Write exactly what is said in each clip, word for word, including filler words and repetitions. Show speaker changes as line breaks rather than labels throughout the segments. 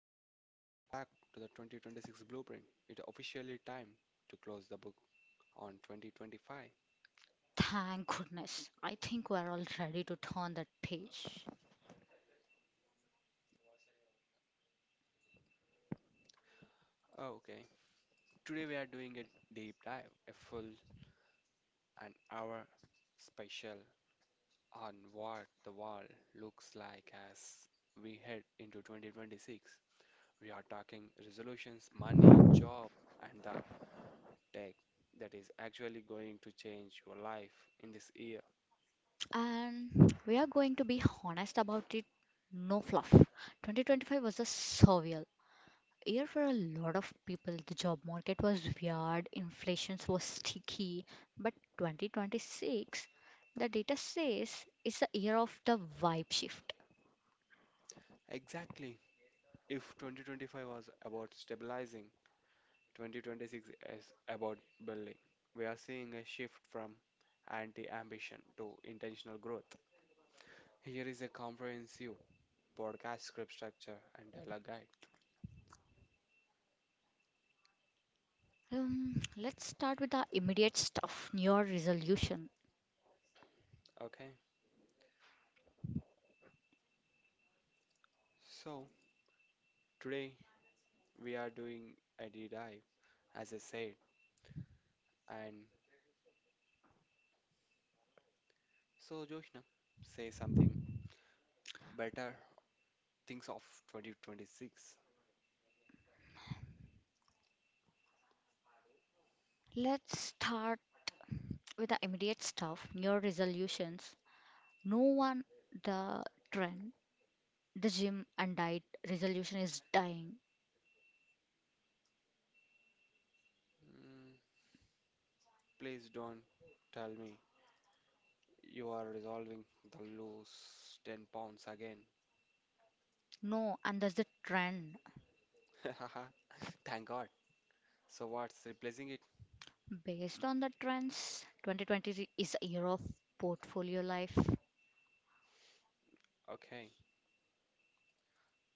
Joshna, welcome back to the twenty twenty-six Blueprint. It's officially time to close the book on twenty twenty-five.
Thank goodness. I think we're all ready to turn that page.
Oh, okay, today we are doing a deep dive, a full an hour special on what the world looks like as we head into twenty twenty-six. We are talking resolutions, money, job, and the tech that is actually going to change your life in this year.
And we are going to be honest about it. No fluff. twenty twenty-five was a surreal year for a lot of people. The job market was weird, inflation was sticky, but twenty twenty-six, the data says, is the year of the vibe shift.
Exactly. If twenty twenty-five was about stabilizing, twenty twenty-six is about building. We are seeing a shift from anti ambition to intentional growth. Here is a comprehensive podcast script structure and dialogue guide.
Um, let's start with the immediate stuff, New Year resolution.
Okay, so today we are doing a deep dive, as I said. And so, Joshna, say something better things of twenty twenty-six.
Let's start with the immediate stuff, New Year resolutions. No one, the trend, the gym and diet resolution is dying.
Mm, Please don't tell me you are resolving the lose ten pounds again.
No, and there's the trend.
Thank God. So what's replacing it?
Based on the trends, twenty twenty is a year of portfolio life.
Okay,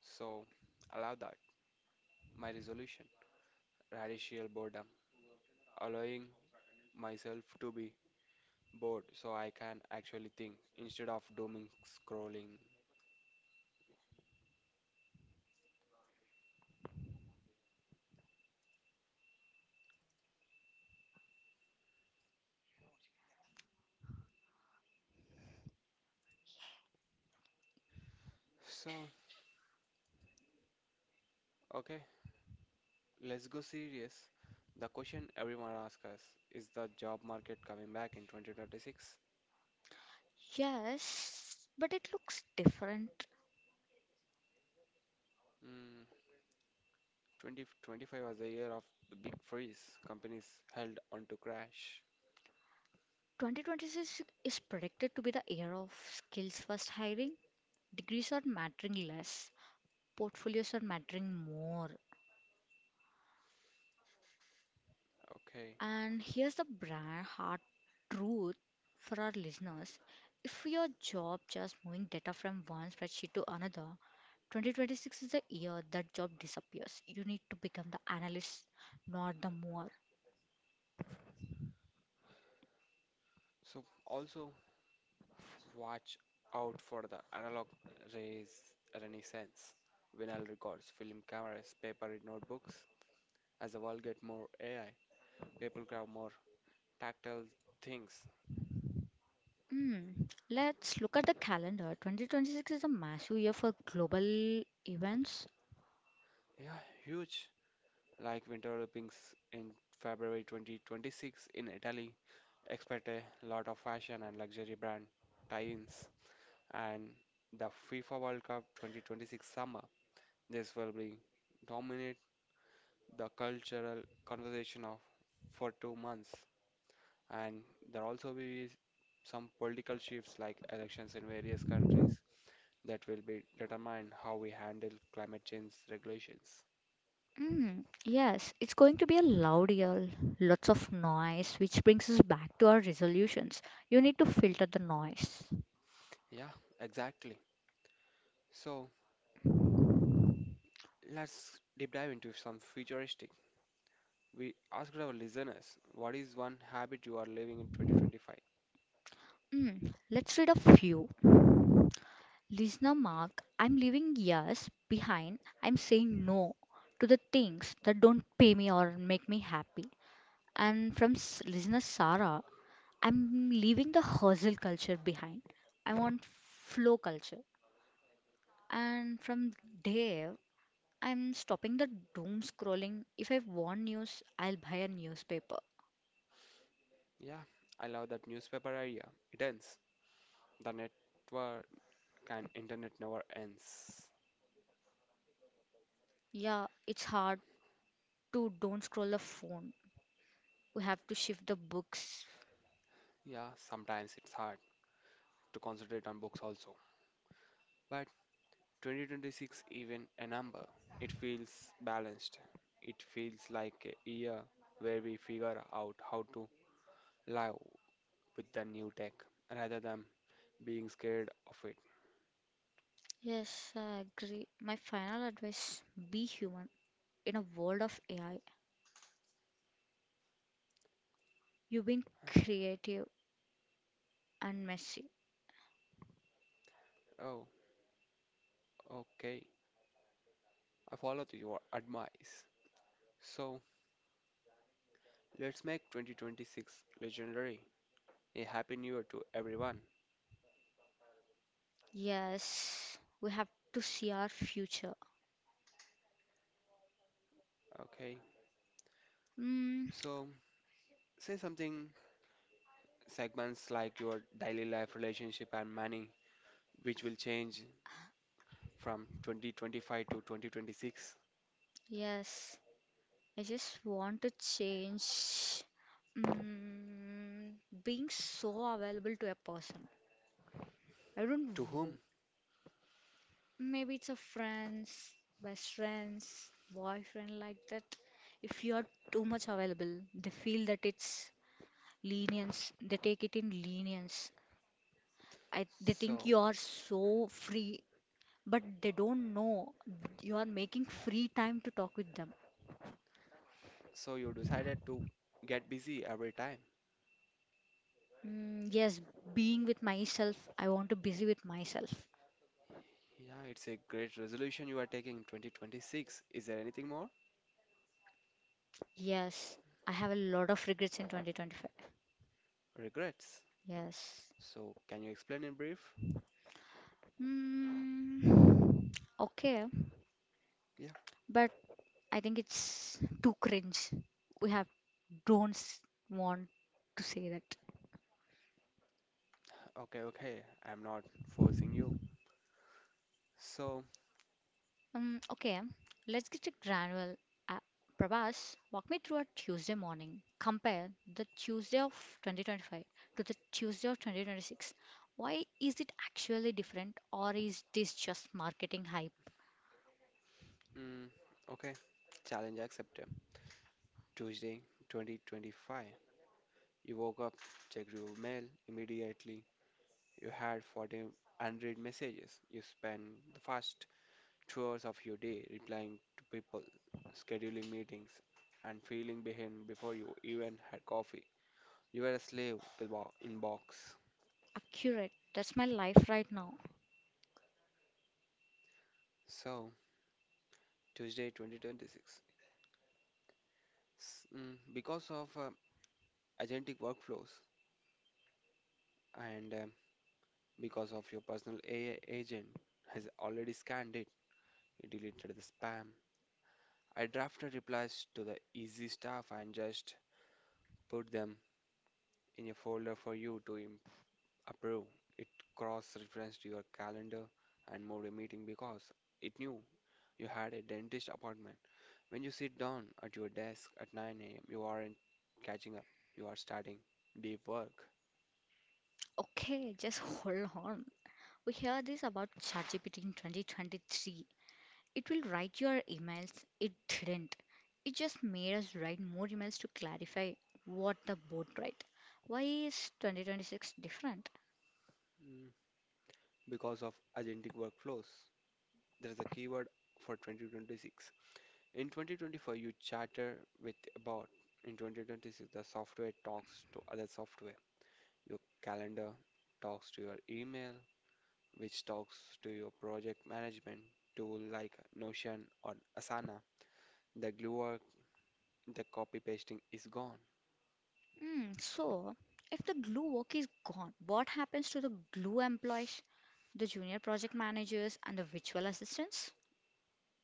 so allow that. My resolution, radical boredom, allowing myself to be bored so I can actually think instead of dooming scrolling. So, okay, let's go serious. The question everyone asks us is the job market coming back in twenty twenty-six?
Yes, but it looks different.
Hmm, twenty twenty-five was the year of the big freeze. Companies held on to crash.
twenty twenty-six is predicted to be the year of skills first hiring. Degrees are mattering less, portfolios are mattering more.
Okay,
And here's the brand hard truth for our listeners. If your job just moving data from one spreadsheet to another, twenty twenty-six is the year that job disappears. You need to become the analyst, not the mover.
so also watch out for the analog rays renaissance. Vinyl records, film cameras, paper notebooks. As the world gets more A I, people grab more tactile things.
Hmm. Let's look at the calendar. twenty twenty-six is a massive year for global events.
Yeah, huge. Like winter Olympics in February twenty twenty-six in Italy. Expect a lot of fashion and luxury brand tie-ins. And the FIFA World Cup twenty twenty-six summer. This will be dominate the cultural conversation of for two months. And there also be some political shifts like elections in various countries that will be determine how we handle climate change regulations.
Mm, yes, it's going to be a loud year, lots of noise, which brings us back to our resolutions. You need to filter the noise.
Yeah, exactly. So let's deep dive into some futuristic. We asked our listeners, what is one habit you are living in twenty twenty-five?
Mm, let's read a few. Listener Mark, I'm leaving yes behind. I'm saying no to the things that don't pay me or make me happy. And from s- listener Sarah, I'm leaving the hustle culture behind. I want flow culture. And from Dave, I'm stopping the doom scrolling. If I want news, I'll buy a newspaper.
Yeah, I love that newspaper idea. It ends. The network and internet never ends.
Yeah, it's hard to don't scroll the phone. We have to shift the books.
Yeah, sometimes it's hard to concentrate on books also. But twenty twenty-six even a number. It feels balanced. It feels like a year where we figure out how to live with the new tech rather than being scared of it.
Yes, I agree. My final advice be human. In a world of A I, you've been creative and messy.
Oh, okay. I followed your advice. So let's make twenty twenty-six legendary. A happy new year to everyone.
Yes, we have to see our future.
Okay.
Mm,
So say something segments like your daily life, relationship, and money, which will change from twenty twenty-five to twenty twenty-six.
yes, I just want to change mm, being so available to a person. I don't
To whom?
know. Maybe it's a friends, best friends, boyfriend like that. If you are too much available, they feel that it's lenience, they take it in lenience. I, they think
So,
you are so free, but they don't know you are making free time to talk with them.
so you decided to get busy every time.
Mm, yes, being with myself, I want to busy with myself.
Yeah, it's a great resolution you are taking in twenty twenty-six. Is there anything more?
Yes, I have a lot of regrets in twenty twenty-five.
Regrets.
Yes.
So, can you explain in brief?
mm, okay,
Yeah,
but I think it's too cringe. We have don't s- want to say that.
okay, okay. I'm not forcing you. So,
Um, okay, let's get to granular. Uh, Prabhas, walk me through a Tuesday morning. Compare the Tuesday of twenty twenty-five to the Tuesday of twenty twenty-six. Why is it actually different, or is this just marketing hype?
mm, okay. Challenge accepted. Tuesday, twenty twenty-five. You woke up, checked your mail immediately. You had forty unread messages. You spent the first two hours of your day replying to people, scheduling meetings, and feeling behind before you even had coffee. You were a slave to the bo- in.
Accurate. That's my life right now.
So, Tuesday twenty twenty-six. S- mm, Because of uh, agentic workflows and um, because of your personal A I agent has already scanned it, it deleted the spam. I drafted replies to the easy stuff and just put them in a folder for you to im- approve. It cross-referenced your calendar and moved a meeting because it knew you had a dentist appointment. When you sit down at your desk at nine a m, you aren't catching up. You are starting deep work.
Okay, just hold on. We hear this about ChatGPT in twenty twenty-three. It will write your emails. It didn't. It just made us write more emails to clarify what the board write. Why is twenty twenty-six different?
Mm, Because of agentic workflows, there is a keyword for twenty twenty-six. In twenty twenty-five, you chatter with a bot. In twenty twenty-six, the software talks to other software. Your calendar talks to your email, which talks to your project management tool like Notion or Asana. The glue work, the copy pasting is gone.
Hmm, so, if the glue work is gone, what happens to the glue employees, the junior project managers, and the virtual assistants?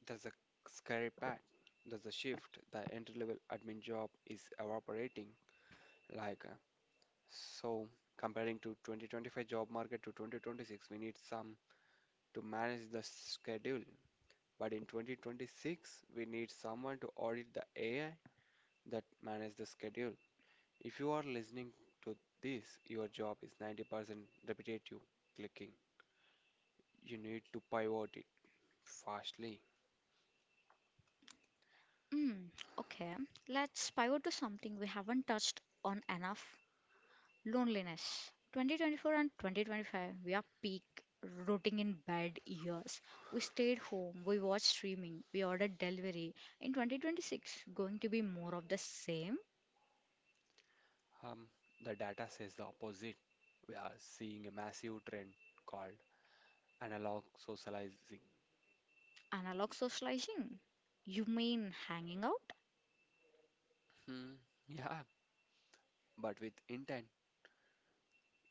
There's a scary part. There's a shift. The entry level admin job is evaporating. Like, uh, so comparing to twenty twenty-five job market to twenty twenty-six, we need some to manage the schedule. But in twenty twenty-six, we need someone to audit the A I that manage the schedule. If you are listening to this, your job is ninety percent repetitive clicking. You need to pivot it fastly.
Hmm, okay, let's pivot to something we haven't touched on enough. Loneliness. twenty twenty-four and twenty twenty-five, we are peak rotting in bed years. We stayed home, we watched streaming, we ordered delivery. In twenty twenty-six, going to be more of the same?
Um, the data says the opposite. We are seeing a massive trend called analog socializing.
Analog socializing? You mean hanging out?
Hmm, yeah, but with intent.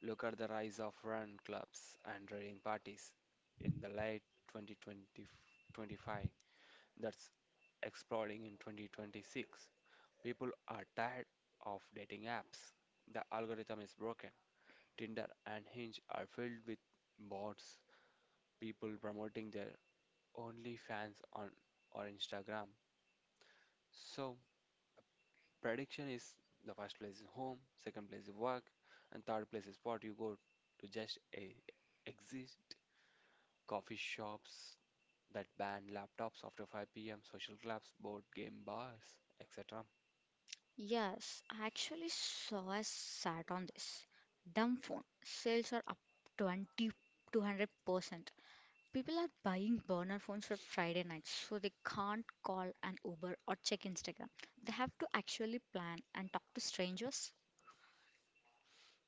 Look at the rise of run clubs and raiding parties in the late twenty twenty twenty-five that's exploding in twenty twenty-six. People are tired of dating apps. The algorithm is broken. Tinder and Hinge are filled with bots, people promoting their OnlyFans on or Instagram. So, prediction is the first place is home, second place is work, and third place is what you go to just a, exist. Coffee shops that ban laptops after five p m, social clubs, board game bars, et cetera.
Yes, I actually saw a sat on this. Dumb phone. Sales are up twenty two hundred percent. People are buying burner phones for Friday nights so they can't call an Uber or check Instagram. They have to actually plan and talk to strangers.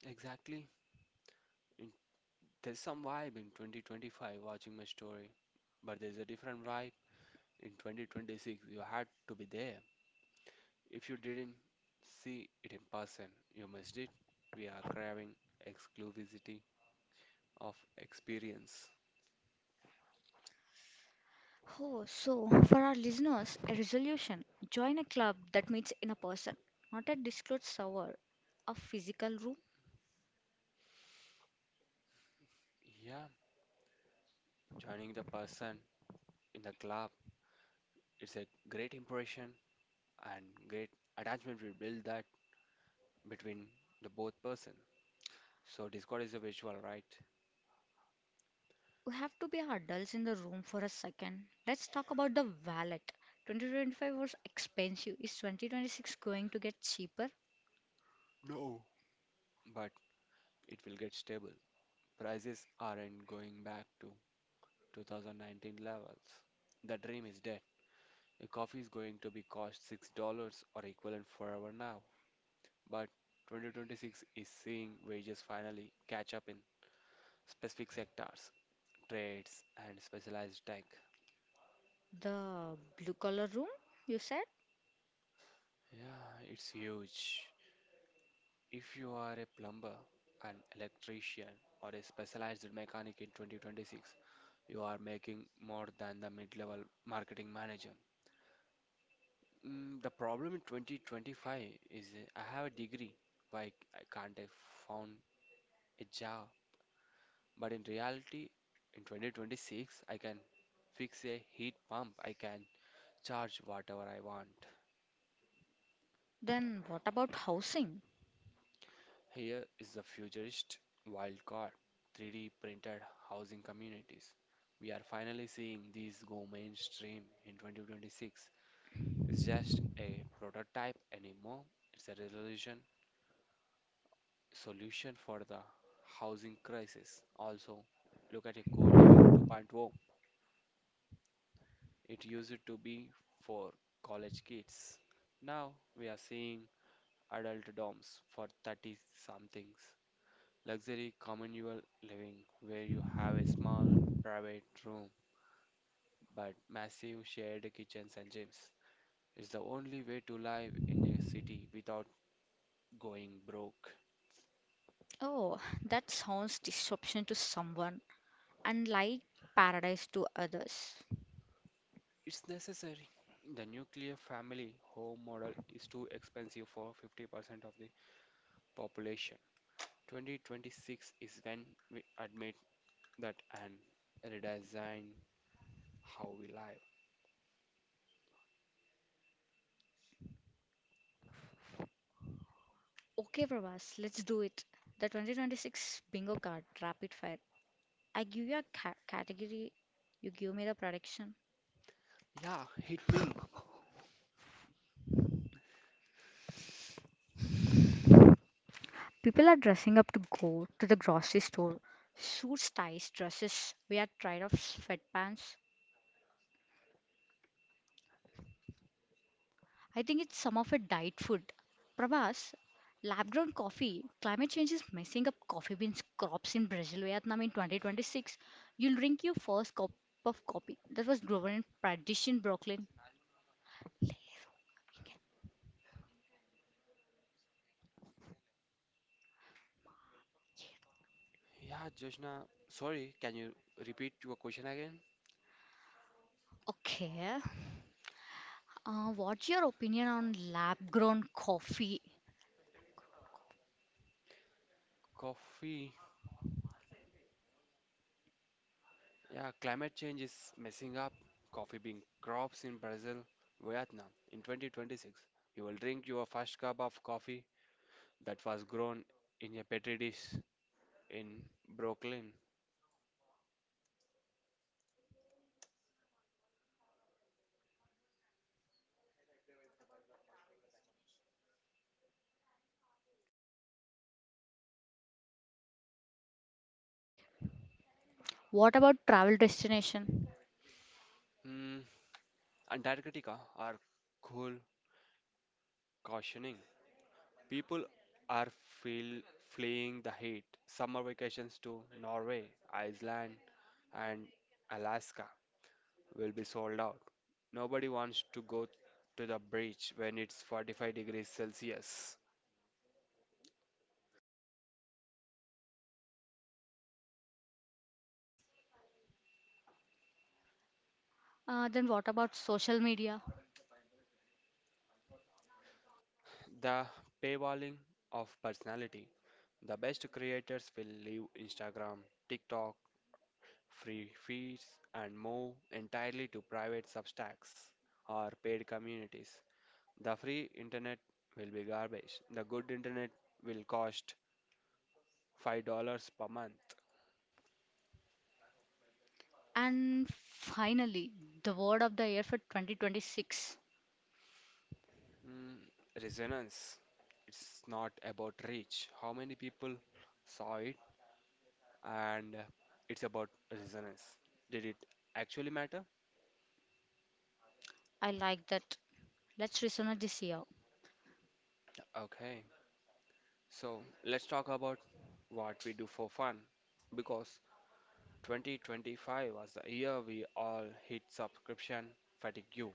Exactly. There's some vibe in twenty twenty-five watching my story, but there's a different vibe in twenty twenty-six. You had to be there. If you didn't see it in person, you missed it. We are craving exclusivity of experience.
Oh, so for our listeners, a resolution join a club that meets in a person, not a disclosed server, a physical room.
Yeah, joining the person in the club, it's a great impression and great attachment we build that between the both person. So Discord is a visual, right?
We have to be adults in the room for a second. Let's talk about the wallet. twenty twenty-five was expensive. Is twenty twenty-six going to get cheaper?
No. But it will get stable. Prices aren't going back to twenty nineteen levels. The dream is dead. A coffee is going to be cost six dollars or equivalent forever now. But twenty twenty-six is seeing wages finally catch up in specific sectors, trades, and specialized tech.
The blue collar room, you said?
Yeah, it's huge. If you are a plumber, an electrician, or a specialized mechanic in twenty twenty-six, you are making more than the mid level marketing manager. Mm, the problem in twenty twenty-five is uh, I have a degree, why I can't I found a job? But in reality, in twenty twenty-six, I can fix a heat pump. I can charge whatever I want.
Then what about housing?
Here is the futurist wild card, three D printed housing communities. We are finally seeing these go mainstream in twenty twenty-six. It's just a prototype anymore. It's a resolution solution for the housing crisis. Also, look at a co-living 2.0. It used to be for college kids. Now we are seeing adult dorms for thirty somethings. Luxury communal living where you have a small private room but massive shared kitchens and gyms. It's the only way to live in a city without going broke.
Oh, that sounds disruption to someone and like paradise to others.
It's necessary. The nuclear family home model is too expensive for fifty percent of the population. twenty twenty-six is when we admit that and redesign how we live.
Okay, Pravas, let's do it. The twenty twenty-six bingo card, rapid fire. I give you a ca- category, you give me the prediction.
Yeah, hit me.
People are dressing up to go to the grocery store. Suits, ties, dresses. We are tired of sweatpants. I think it's some of a diet food. Prabhas, lab grown coffee, climate change is messing up coffee beans crops in Brazil, Vietnam in twenty twenty-six. You'll drink your first cup of coffee that was grown in Pradesh in Brooklyn.
Yeah, Joshna, sorry, can you repeat your question again?
Okay, uh, what's your opinion on lab grown coffee?
Coffee. Yeah, climate change is messing up coffee bean crops in Brazil, Vietnam. In twenty twenty-six, you will drink your first cup of coffee that was grown in a petri dish in Brooklyn.
What about travel destination?
Hmm, Antarctica are cool cautioning. People are feel, fleeing the heat. Summer vacations to Norway, Iceland, and Alaska will be sold out. Nobody wants to go to the beach when it's forty-five degrees Celsius.
Uh, then what about social media?
The paywalling of personality. The best creators will leave Instagram, TikTok, free feeds, and more entirely to private substacks or paid communities. The free internet will be garbage. The good internet will cost five dollars per month.
And finally, the word of the year for twenty twenty-six.
Mm, Resonance. It's not about reach. How many people saw it? And uh, it's about resonance. Did it actually matter?
I like that. Let's listen to this year.
Okay, so let's talk about what we do for fun because twenty twenty-five was the year we all hit subscription fatigue.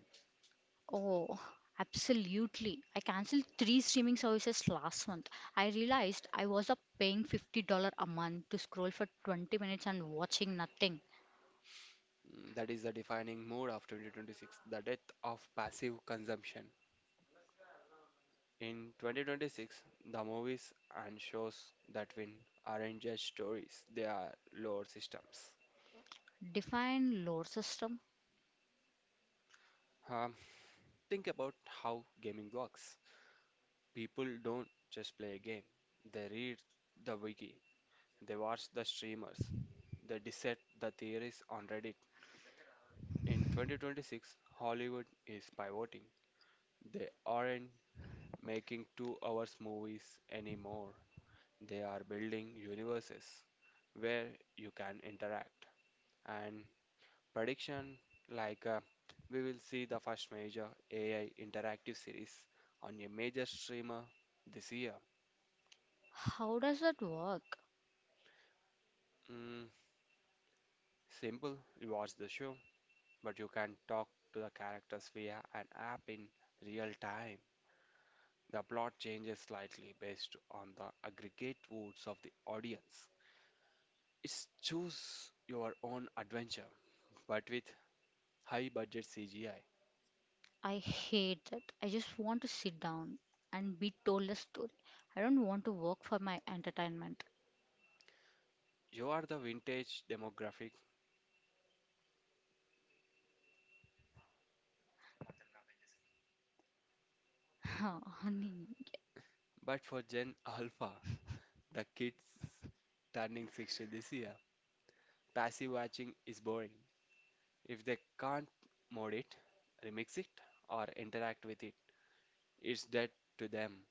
Oh, absolutely. I canceled three streaming services last month. I realized I was up paying fifty dollars a month to scroll for twenty minutes and watching nothing.
Mm, That is the defining mood of twenty twenty-six, the death of passive consumption. In twenty twenty-six, the movies and shows that win aren't just stories, they are lore systems.
Define load system.
Um, think about how gaming works. People don't just play a game, they read the wiki, they watch the streamers, they dissect the theories on Reddit. In twenty twenty-six, Hollywood is pivoting. They aren't making two hours movies anymore. They are building universes where you can interact. And prediction like uh, we will see the first major A I interactive series on a major streamer this year.
How does that work?
Mm, Simple, you watch the show, but you can talk to the characters via an app in real time. The plot changes slightly based on the aggregate votes of the audience. It's choose your own adventure, but with high budget C G I.
I hate that. I just want to sit down and be told a story. I don't want to work for my entertainment.
You are the vintage demographic,
Honey.
but for Gen Alpha, the kids turning sixty this year, passive watching is boring. If they can't mod it, remix it, or interact with it, it's dead to them.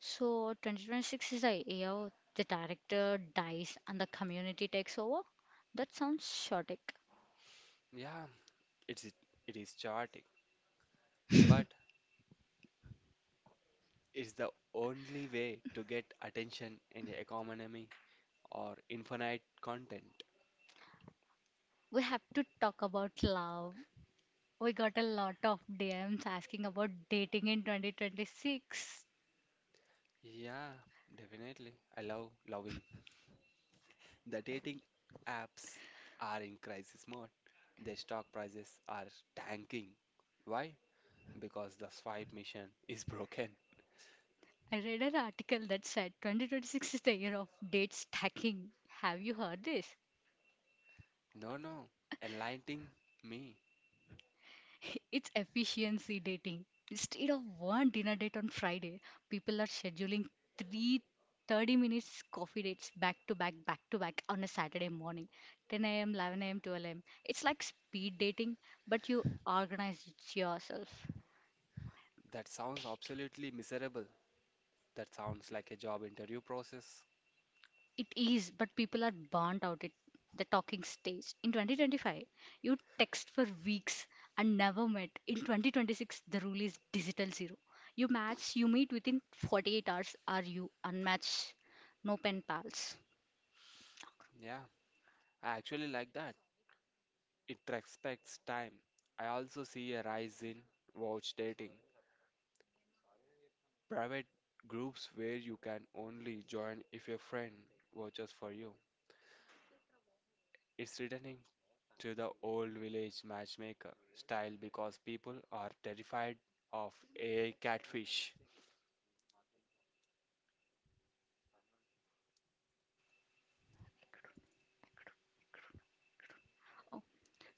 So twenty twenty-six is the year the director dies and the community takes over? That sounds chaotic.
Yeah, it's it is chaotic, but is the only way to get attention in the economy or infinite content.
We have to talk about love. We got a lot of D Ms asking about dating in twenty twenty-six.
Yeah, definitely. I love loving. The dating apps are in crisis mode. Their stock prices are tanking. Why? Because the swipe mission is broken.
I read an article that said twenty twenty-six is the year of date stacking. Have you heard this?
No, no. Enlightening me.
It's efficiency dating. Instead of one dinner date on Friday, people are scheduling three thirty minutes coffee dates back to back, back to back on a Saturday morning, ten a m, eleven a m, twelve a m. It's like speed dating, but you organize it yourself.
That sounds absolutely miserable. That sounds like a job interview process.
It is, but people are burnt out at the talking stage. In twenty twenty-five, you text for weeks and never met. In twenty twenty-six, the rule is digital zero. You match, you meet within forty-eight hours, or you unmatch. No pen pals.
Yeah, I actually like that. It respects time. I also see a rise in watch dating, private groups where you can only join if your friend watches for you. It's returning to the old village matchmaker style because people are terrified of A I catfish.
Oh,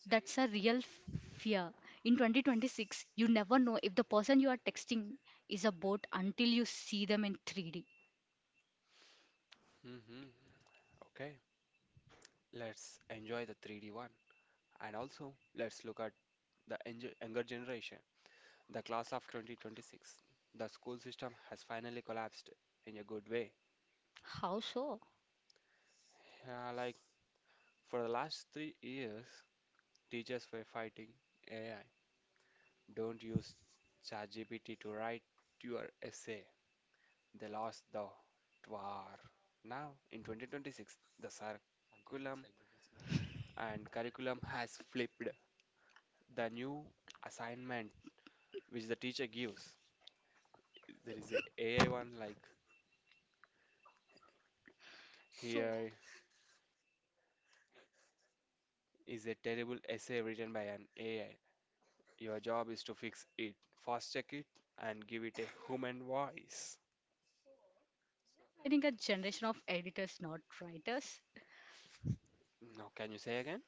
that's a real f- fear. In twenty twenty-six, you never know if the person you are texting is a bot until you see them in three D.
hmm Okay, let's enjoy the three D one. And also, let's look at the enjo- younger generation, the class of twenty twenty-six. The school system has finally collapsed in a good way.
How so?
Yeah, like for the last three years, teachers were fighting A I. Don't use ChatGPT to write your essay. They lost the war. Now, in twenty twenty-six, the curriculum and curriculum has flipped. The new assignment which the teacher gives, there is a AI one like
So,
here is a terrible essay written by an A I. Your job is to fix it, fact check it, and give it a human voice.
training a generation of editors, not writers.
Now, can you say again?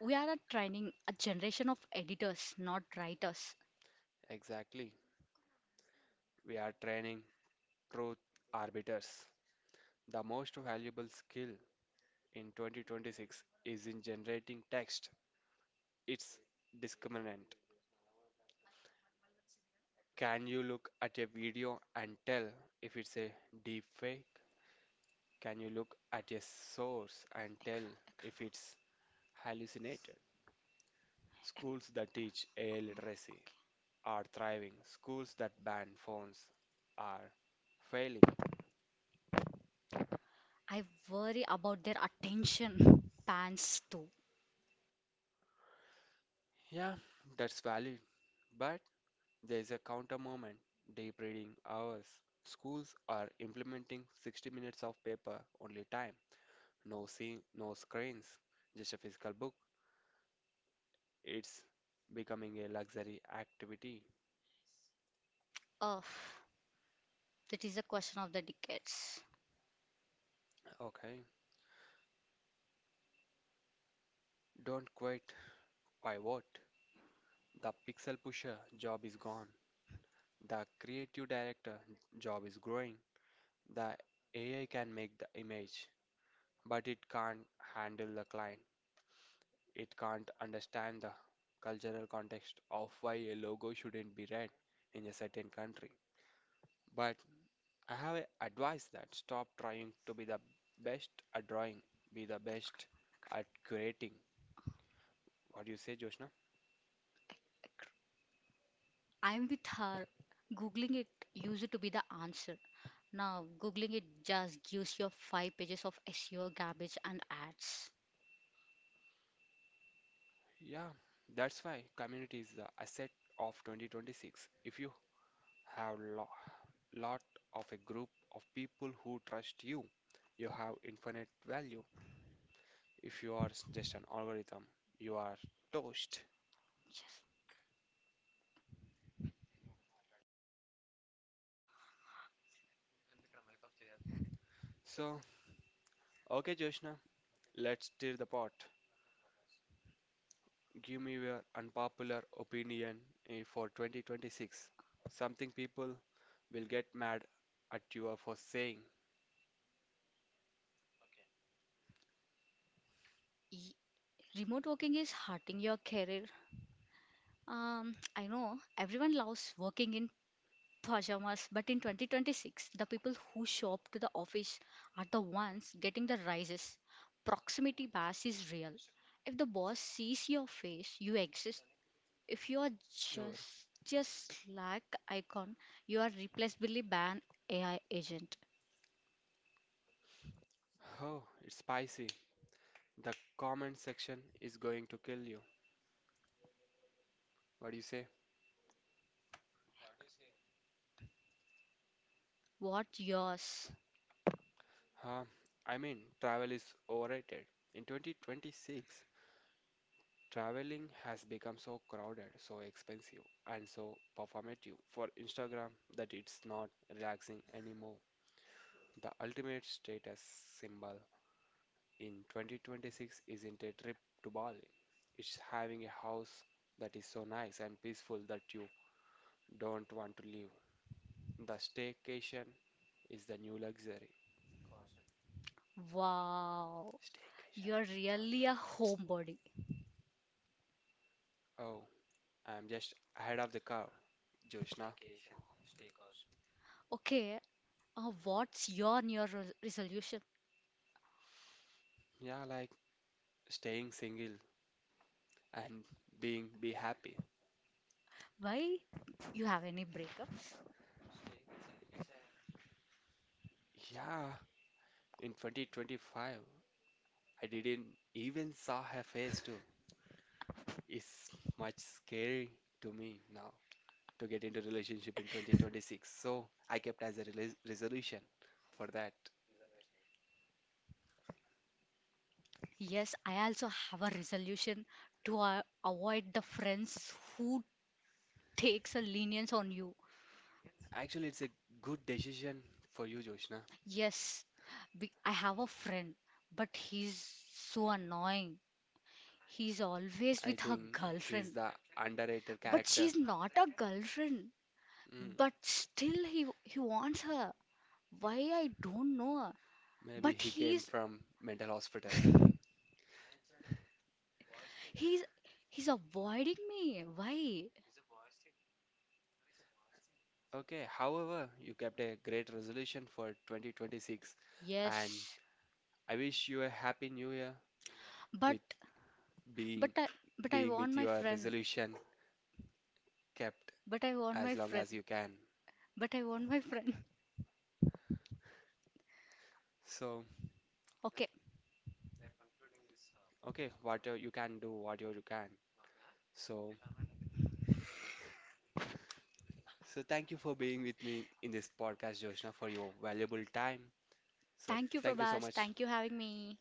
We are a training a generation of editors, not writers.
Exactly. We are training truth arbiters. The most valuable skill in twenty twenty-six is in generating text. It's discriminant. Can you look at a video and tell if it's a deepfake? Can you look at a source and tell if it's hallucinated? Schools that teach A I literacy are thriving. Schools that ban phones are failing.
I worry about their attention spans too.
Yeah, that's valid. But there is a counter moment, deep reading hours. Schools are implementing sixty minutes of paper only time. No scene, no screens, just a physical book. It's becoming a luxury activity.
Ugh, that is a question of the decades.
Okay. Don't quit. Pivot. The pixel pusher job is gone. The creative director job is growing. The A I can make the image, but it can't handle the client. It can't understand the cultural context of why a logo shouldn't be red in a certain country. But I have a advice that stop trying to be the best at drawing, be the best at curating. What do you say, Joshna?
I'm with her. Googling it used to be the answer. Now, Googling it just gives you five pages of S E O garbage and ads.
Yeah, that's why community is the asset of twenty twenty-six. If you have lo- lot of a group of people who trust you, you have infinite value. If you are s- just an algorithm, you are toast.
Yes.
So, okay, Joshna, let's stir the pot. Give me your unpopular opinion eh, for twenty twenty-six. Something people will get mad at you for saying.
E- Remote working is hurting your career. Um, I know everyone loves working in pajamas, but in twenty twenty-six, the people who shop to the office are the ones getting the rises. Proximity bias is real. If the boss sees your face, you exist. If you are
Over.
just just Slack icon, you are replaceably by an A I agent.
Oh, it's spicy. The comment section is going to kill you. What do you say?
What yours?
Huh? I mean, travel is overrated. In twenty twenty-six, traveling has become so crowded, so expensive, and so performative for Instagram that it's not relaxing anymore. The ultimate status symbol in twenty twenty-six isn't a trip to Bali. It's having a house that is so nice and peaceful that you don't want to leave. The staycation is the new luxury.
Wow,
Staycation.
you're really a homebody.
Oh, I'm just ahead of the curve, Joshna.
Okay, uh, what's your New Year resolution?
Yeah, like staying single and being be happy.
Why you have any breakups?
Yeah, in twenty twenty-five, I didn't even saw her face too. Is much scary to me now to get into relationship in twenty twenty-six. So I kept as a rela- resolution for that.
Yes, I also have a resolution to uh, avoid the friends who takes a lenience on you.
Actually, it's a good decision for you, Joshna.
Yes, be- I have a friend, but he's so annoying. He's always
I
with her
think he's
girlfriend,
the underrated
but
character.
she's not a girlfriend.
Mm.
But still, he he wants her. Why I don't know.
Maybe
But
he came
he's
from mental hospital, I think.
he's he's avoiding me. Why?
Okay, however, you kept a great resolution for twenty twenty-six and
Yes,
I wish you a happy new year
but
with
But
being
I, but I
being
want
with
my
your
friend.
resolution kept
But I want my
as long
friend.
as you can.
But I want my friend.
So,
Okay.
okay, whatever you can do, whatever you can. So, so thank you for being with me in this podcast, Joshna, for your valuable time. So,
Thank you,
thank you so
Prabhas.
much.
Thank you having me.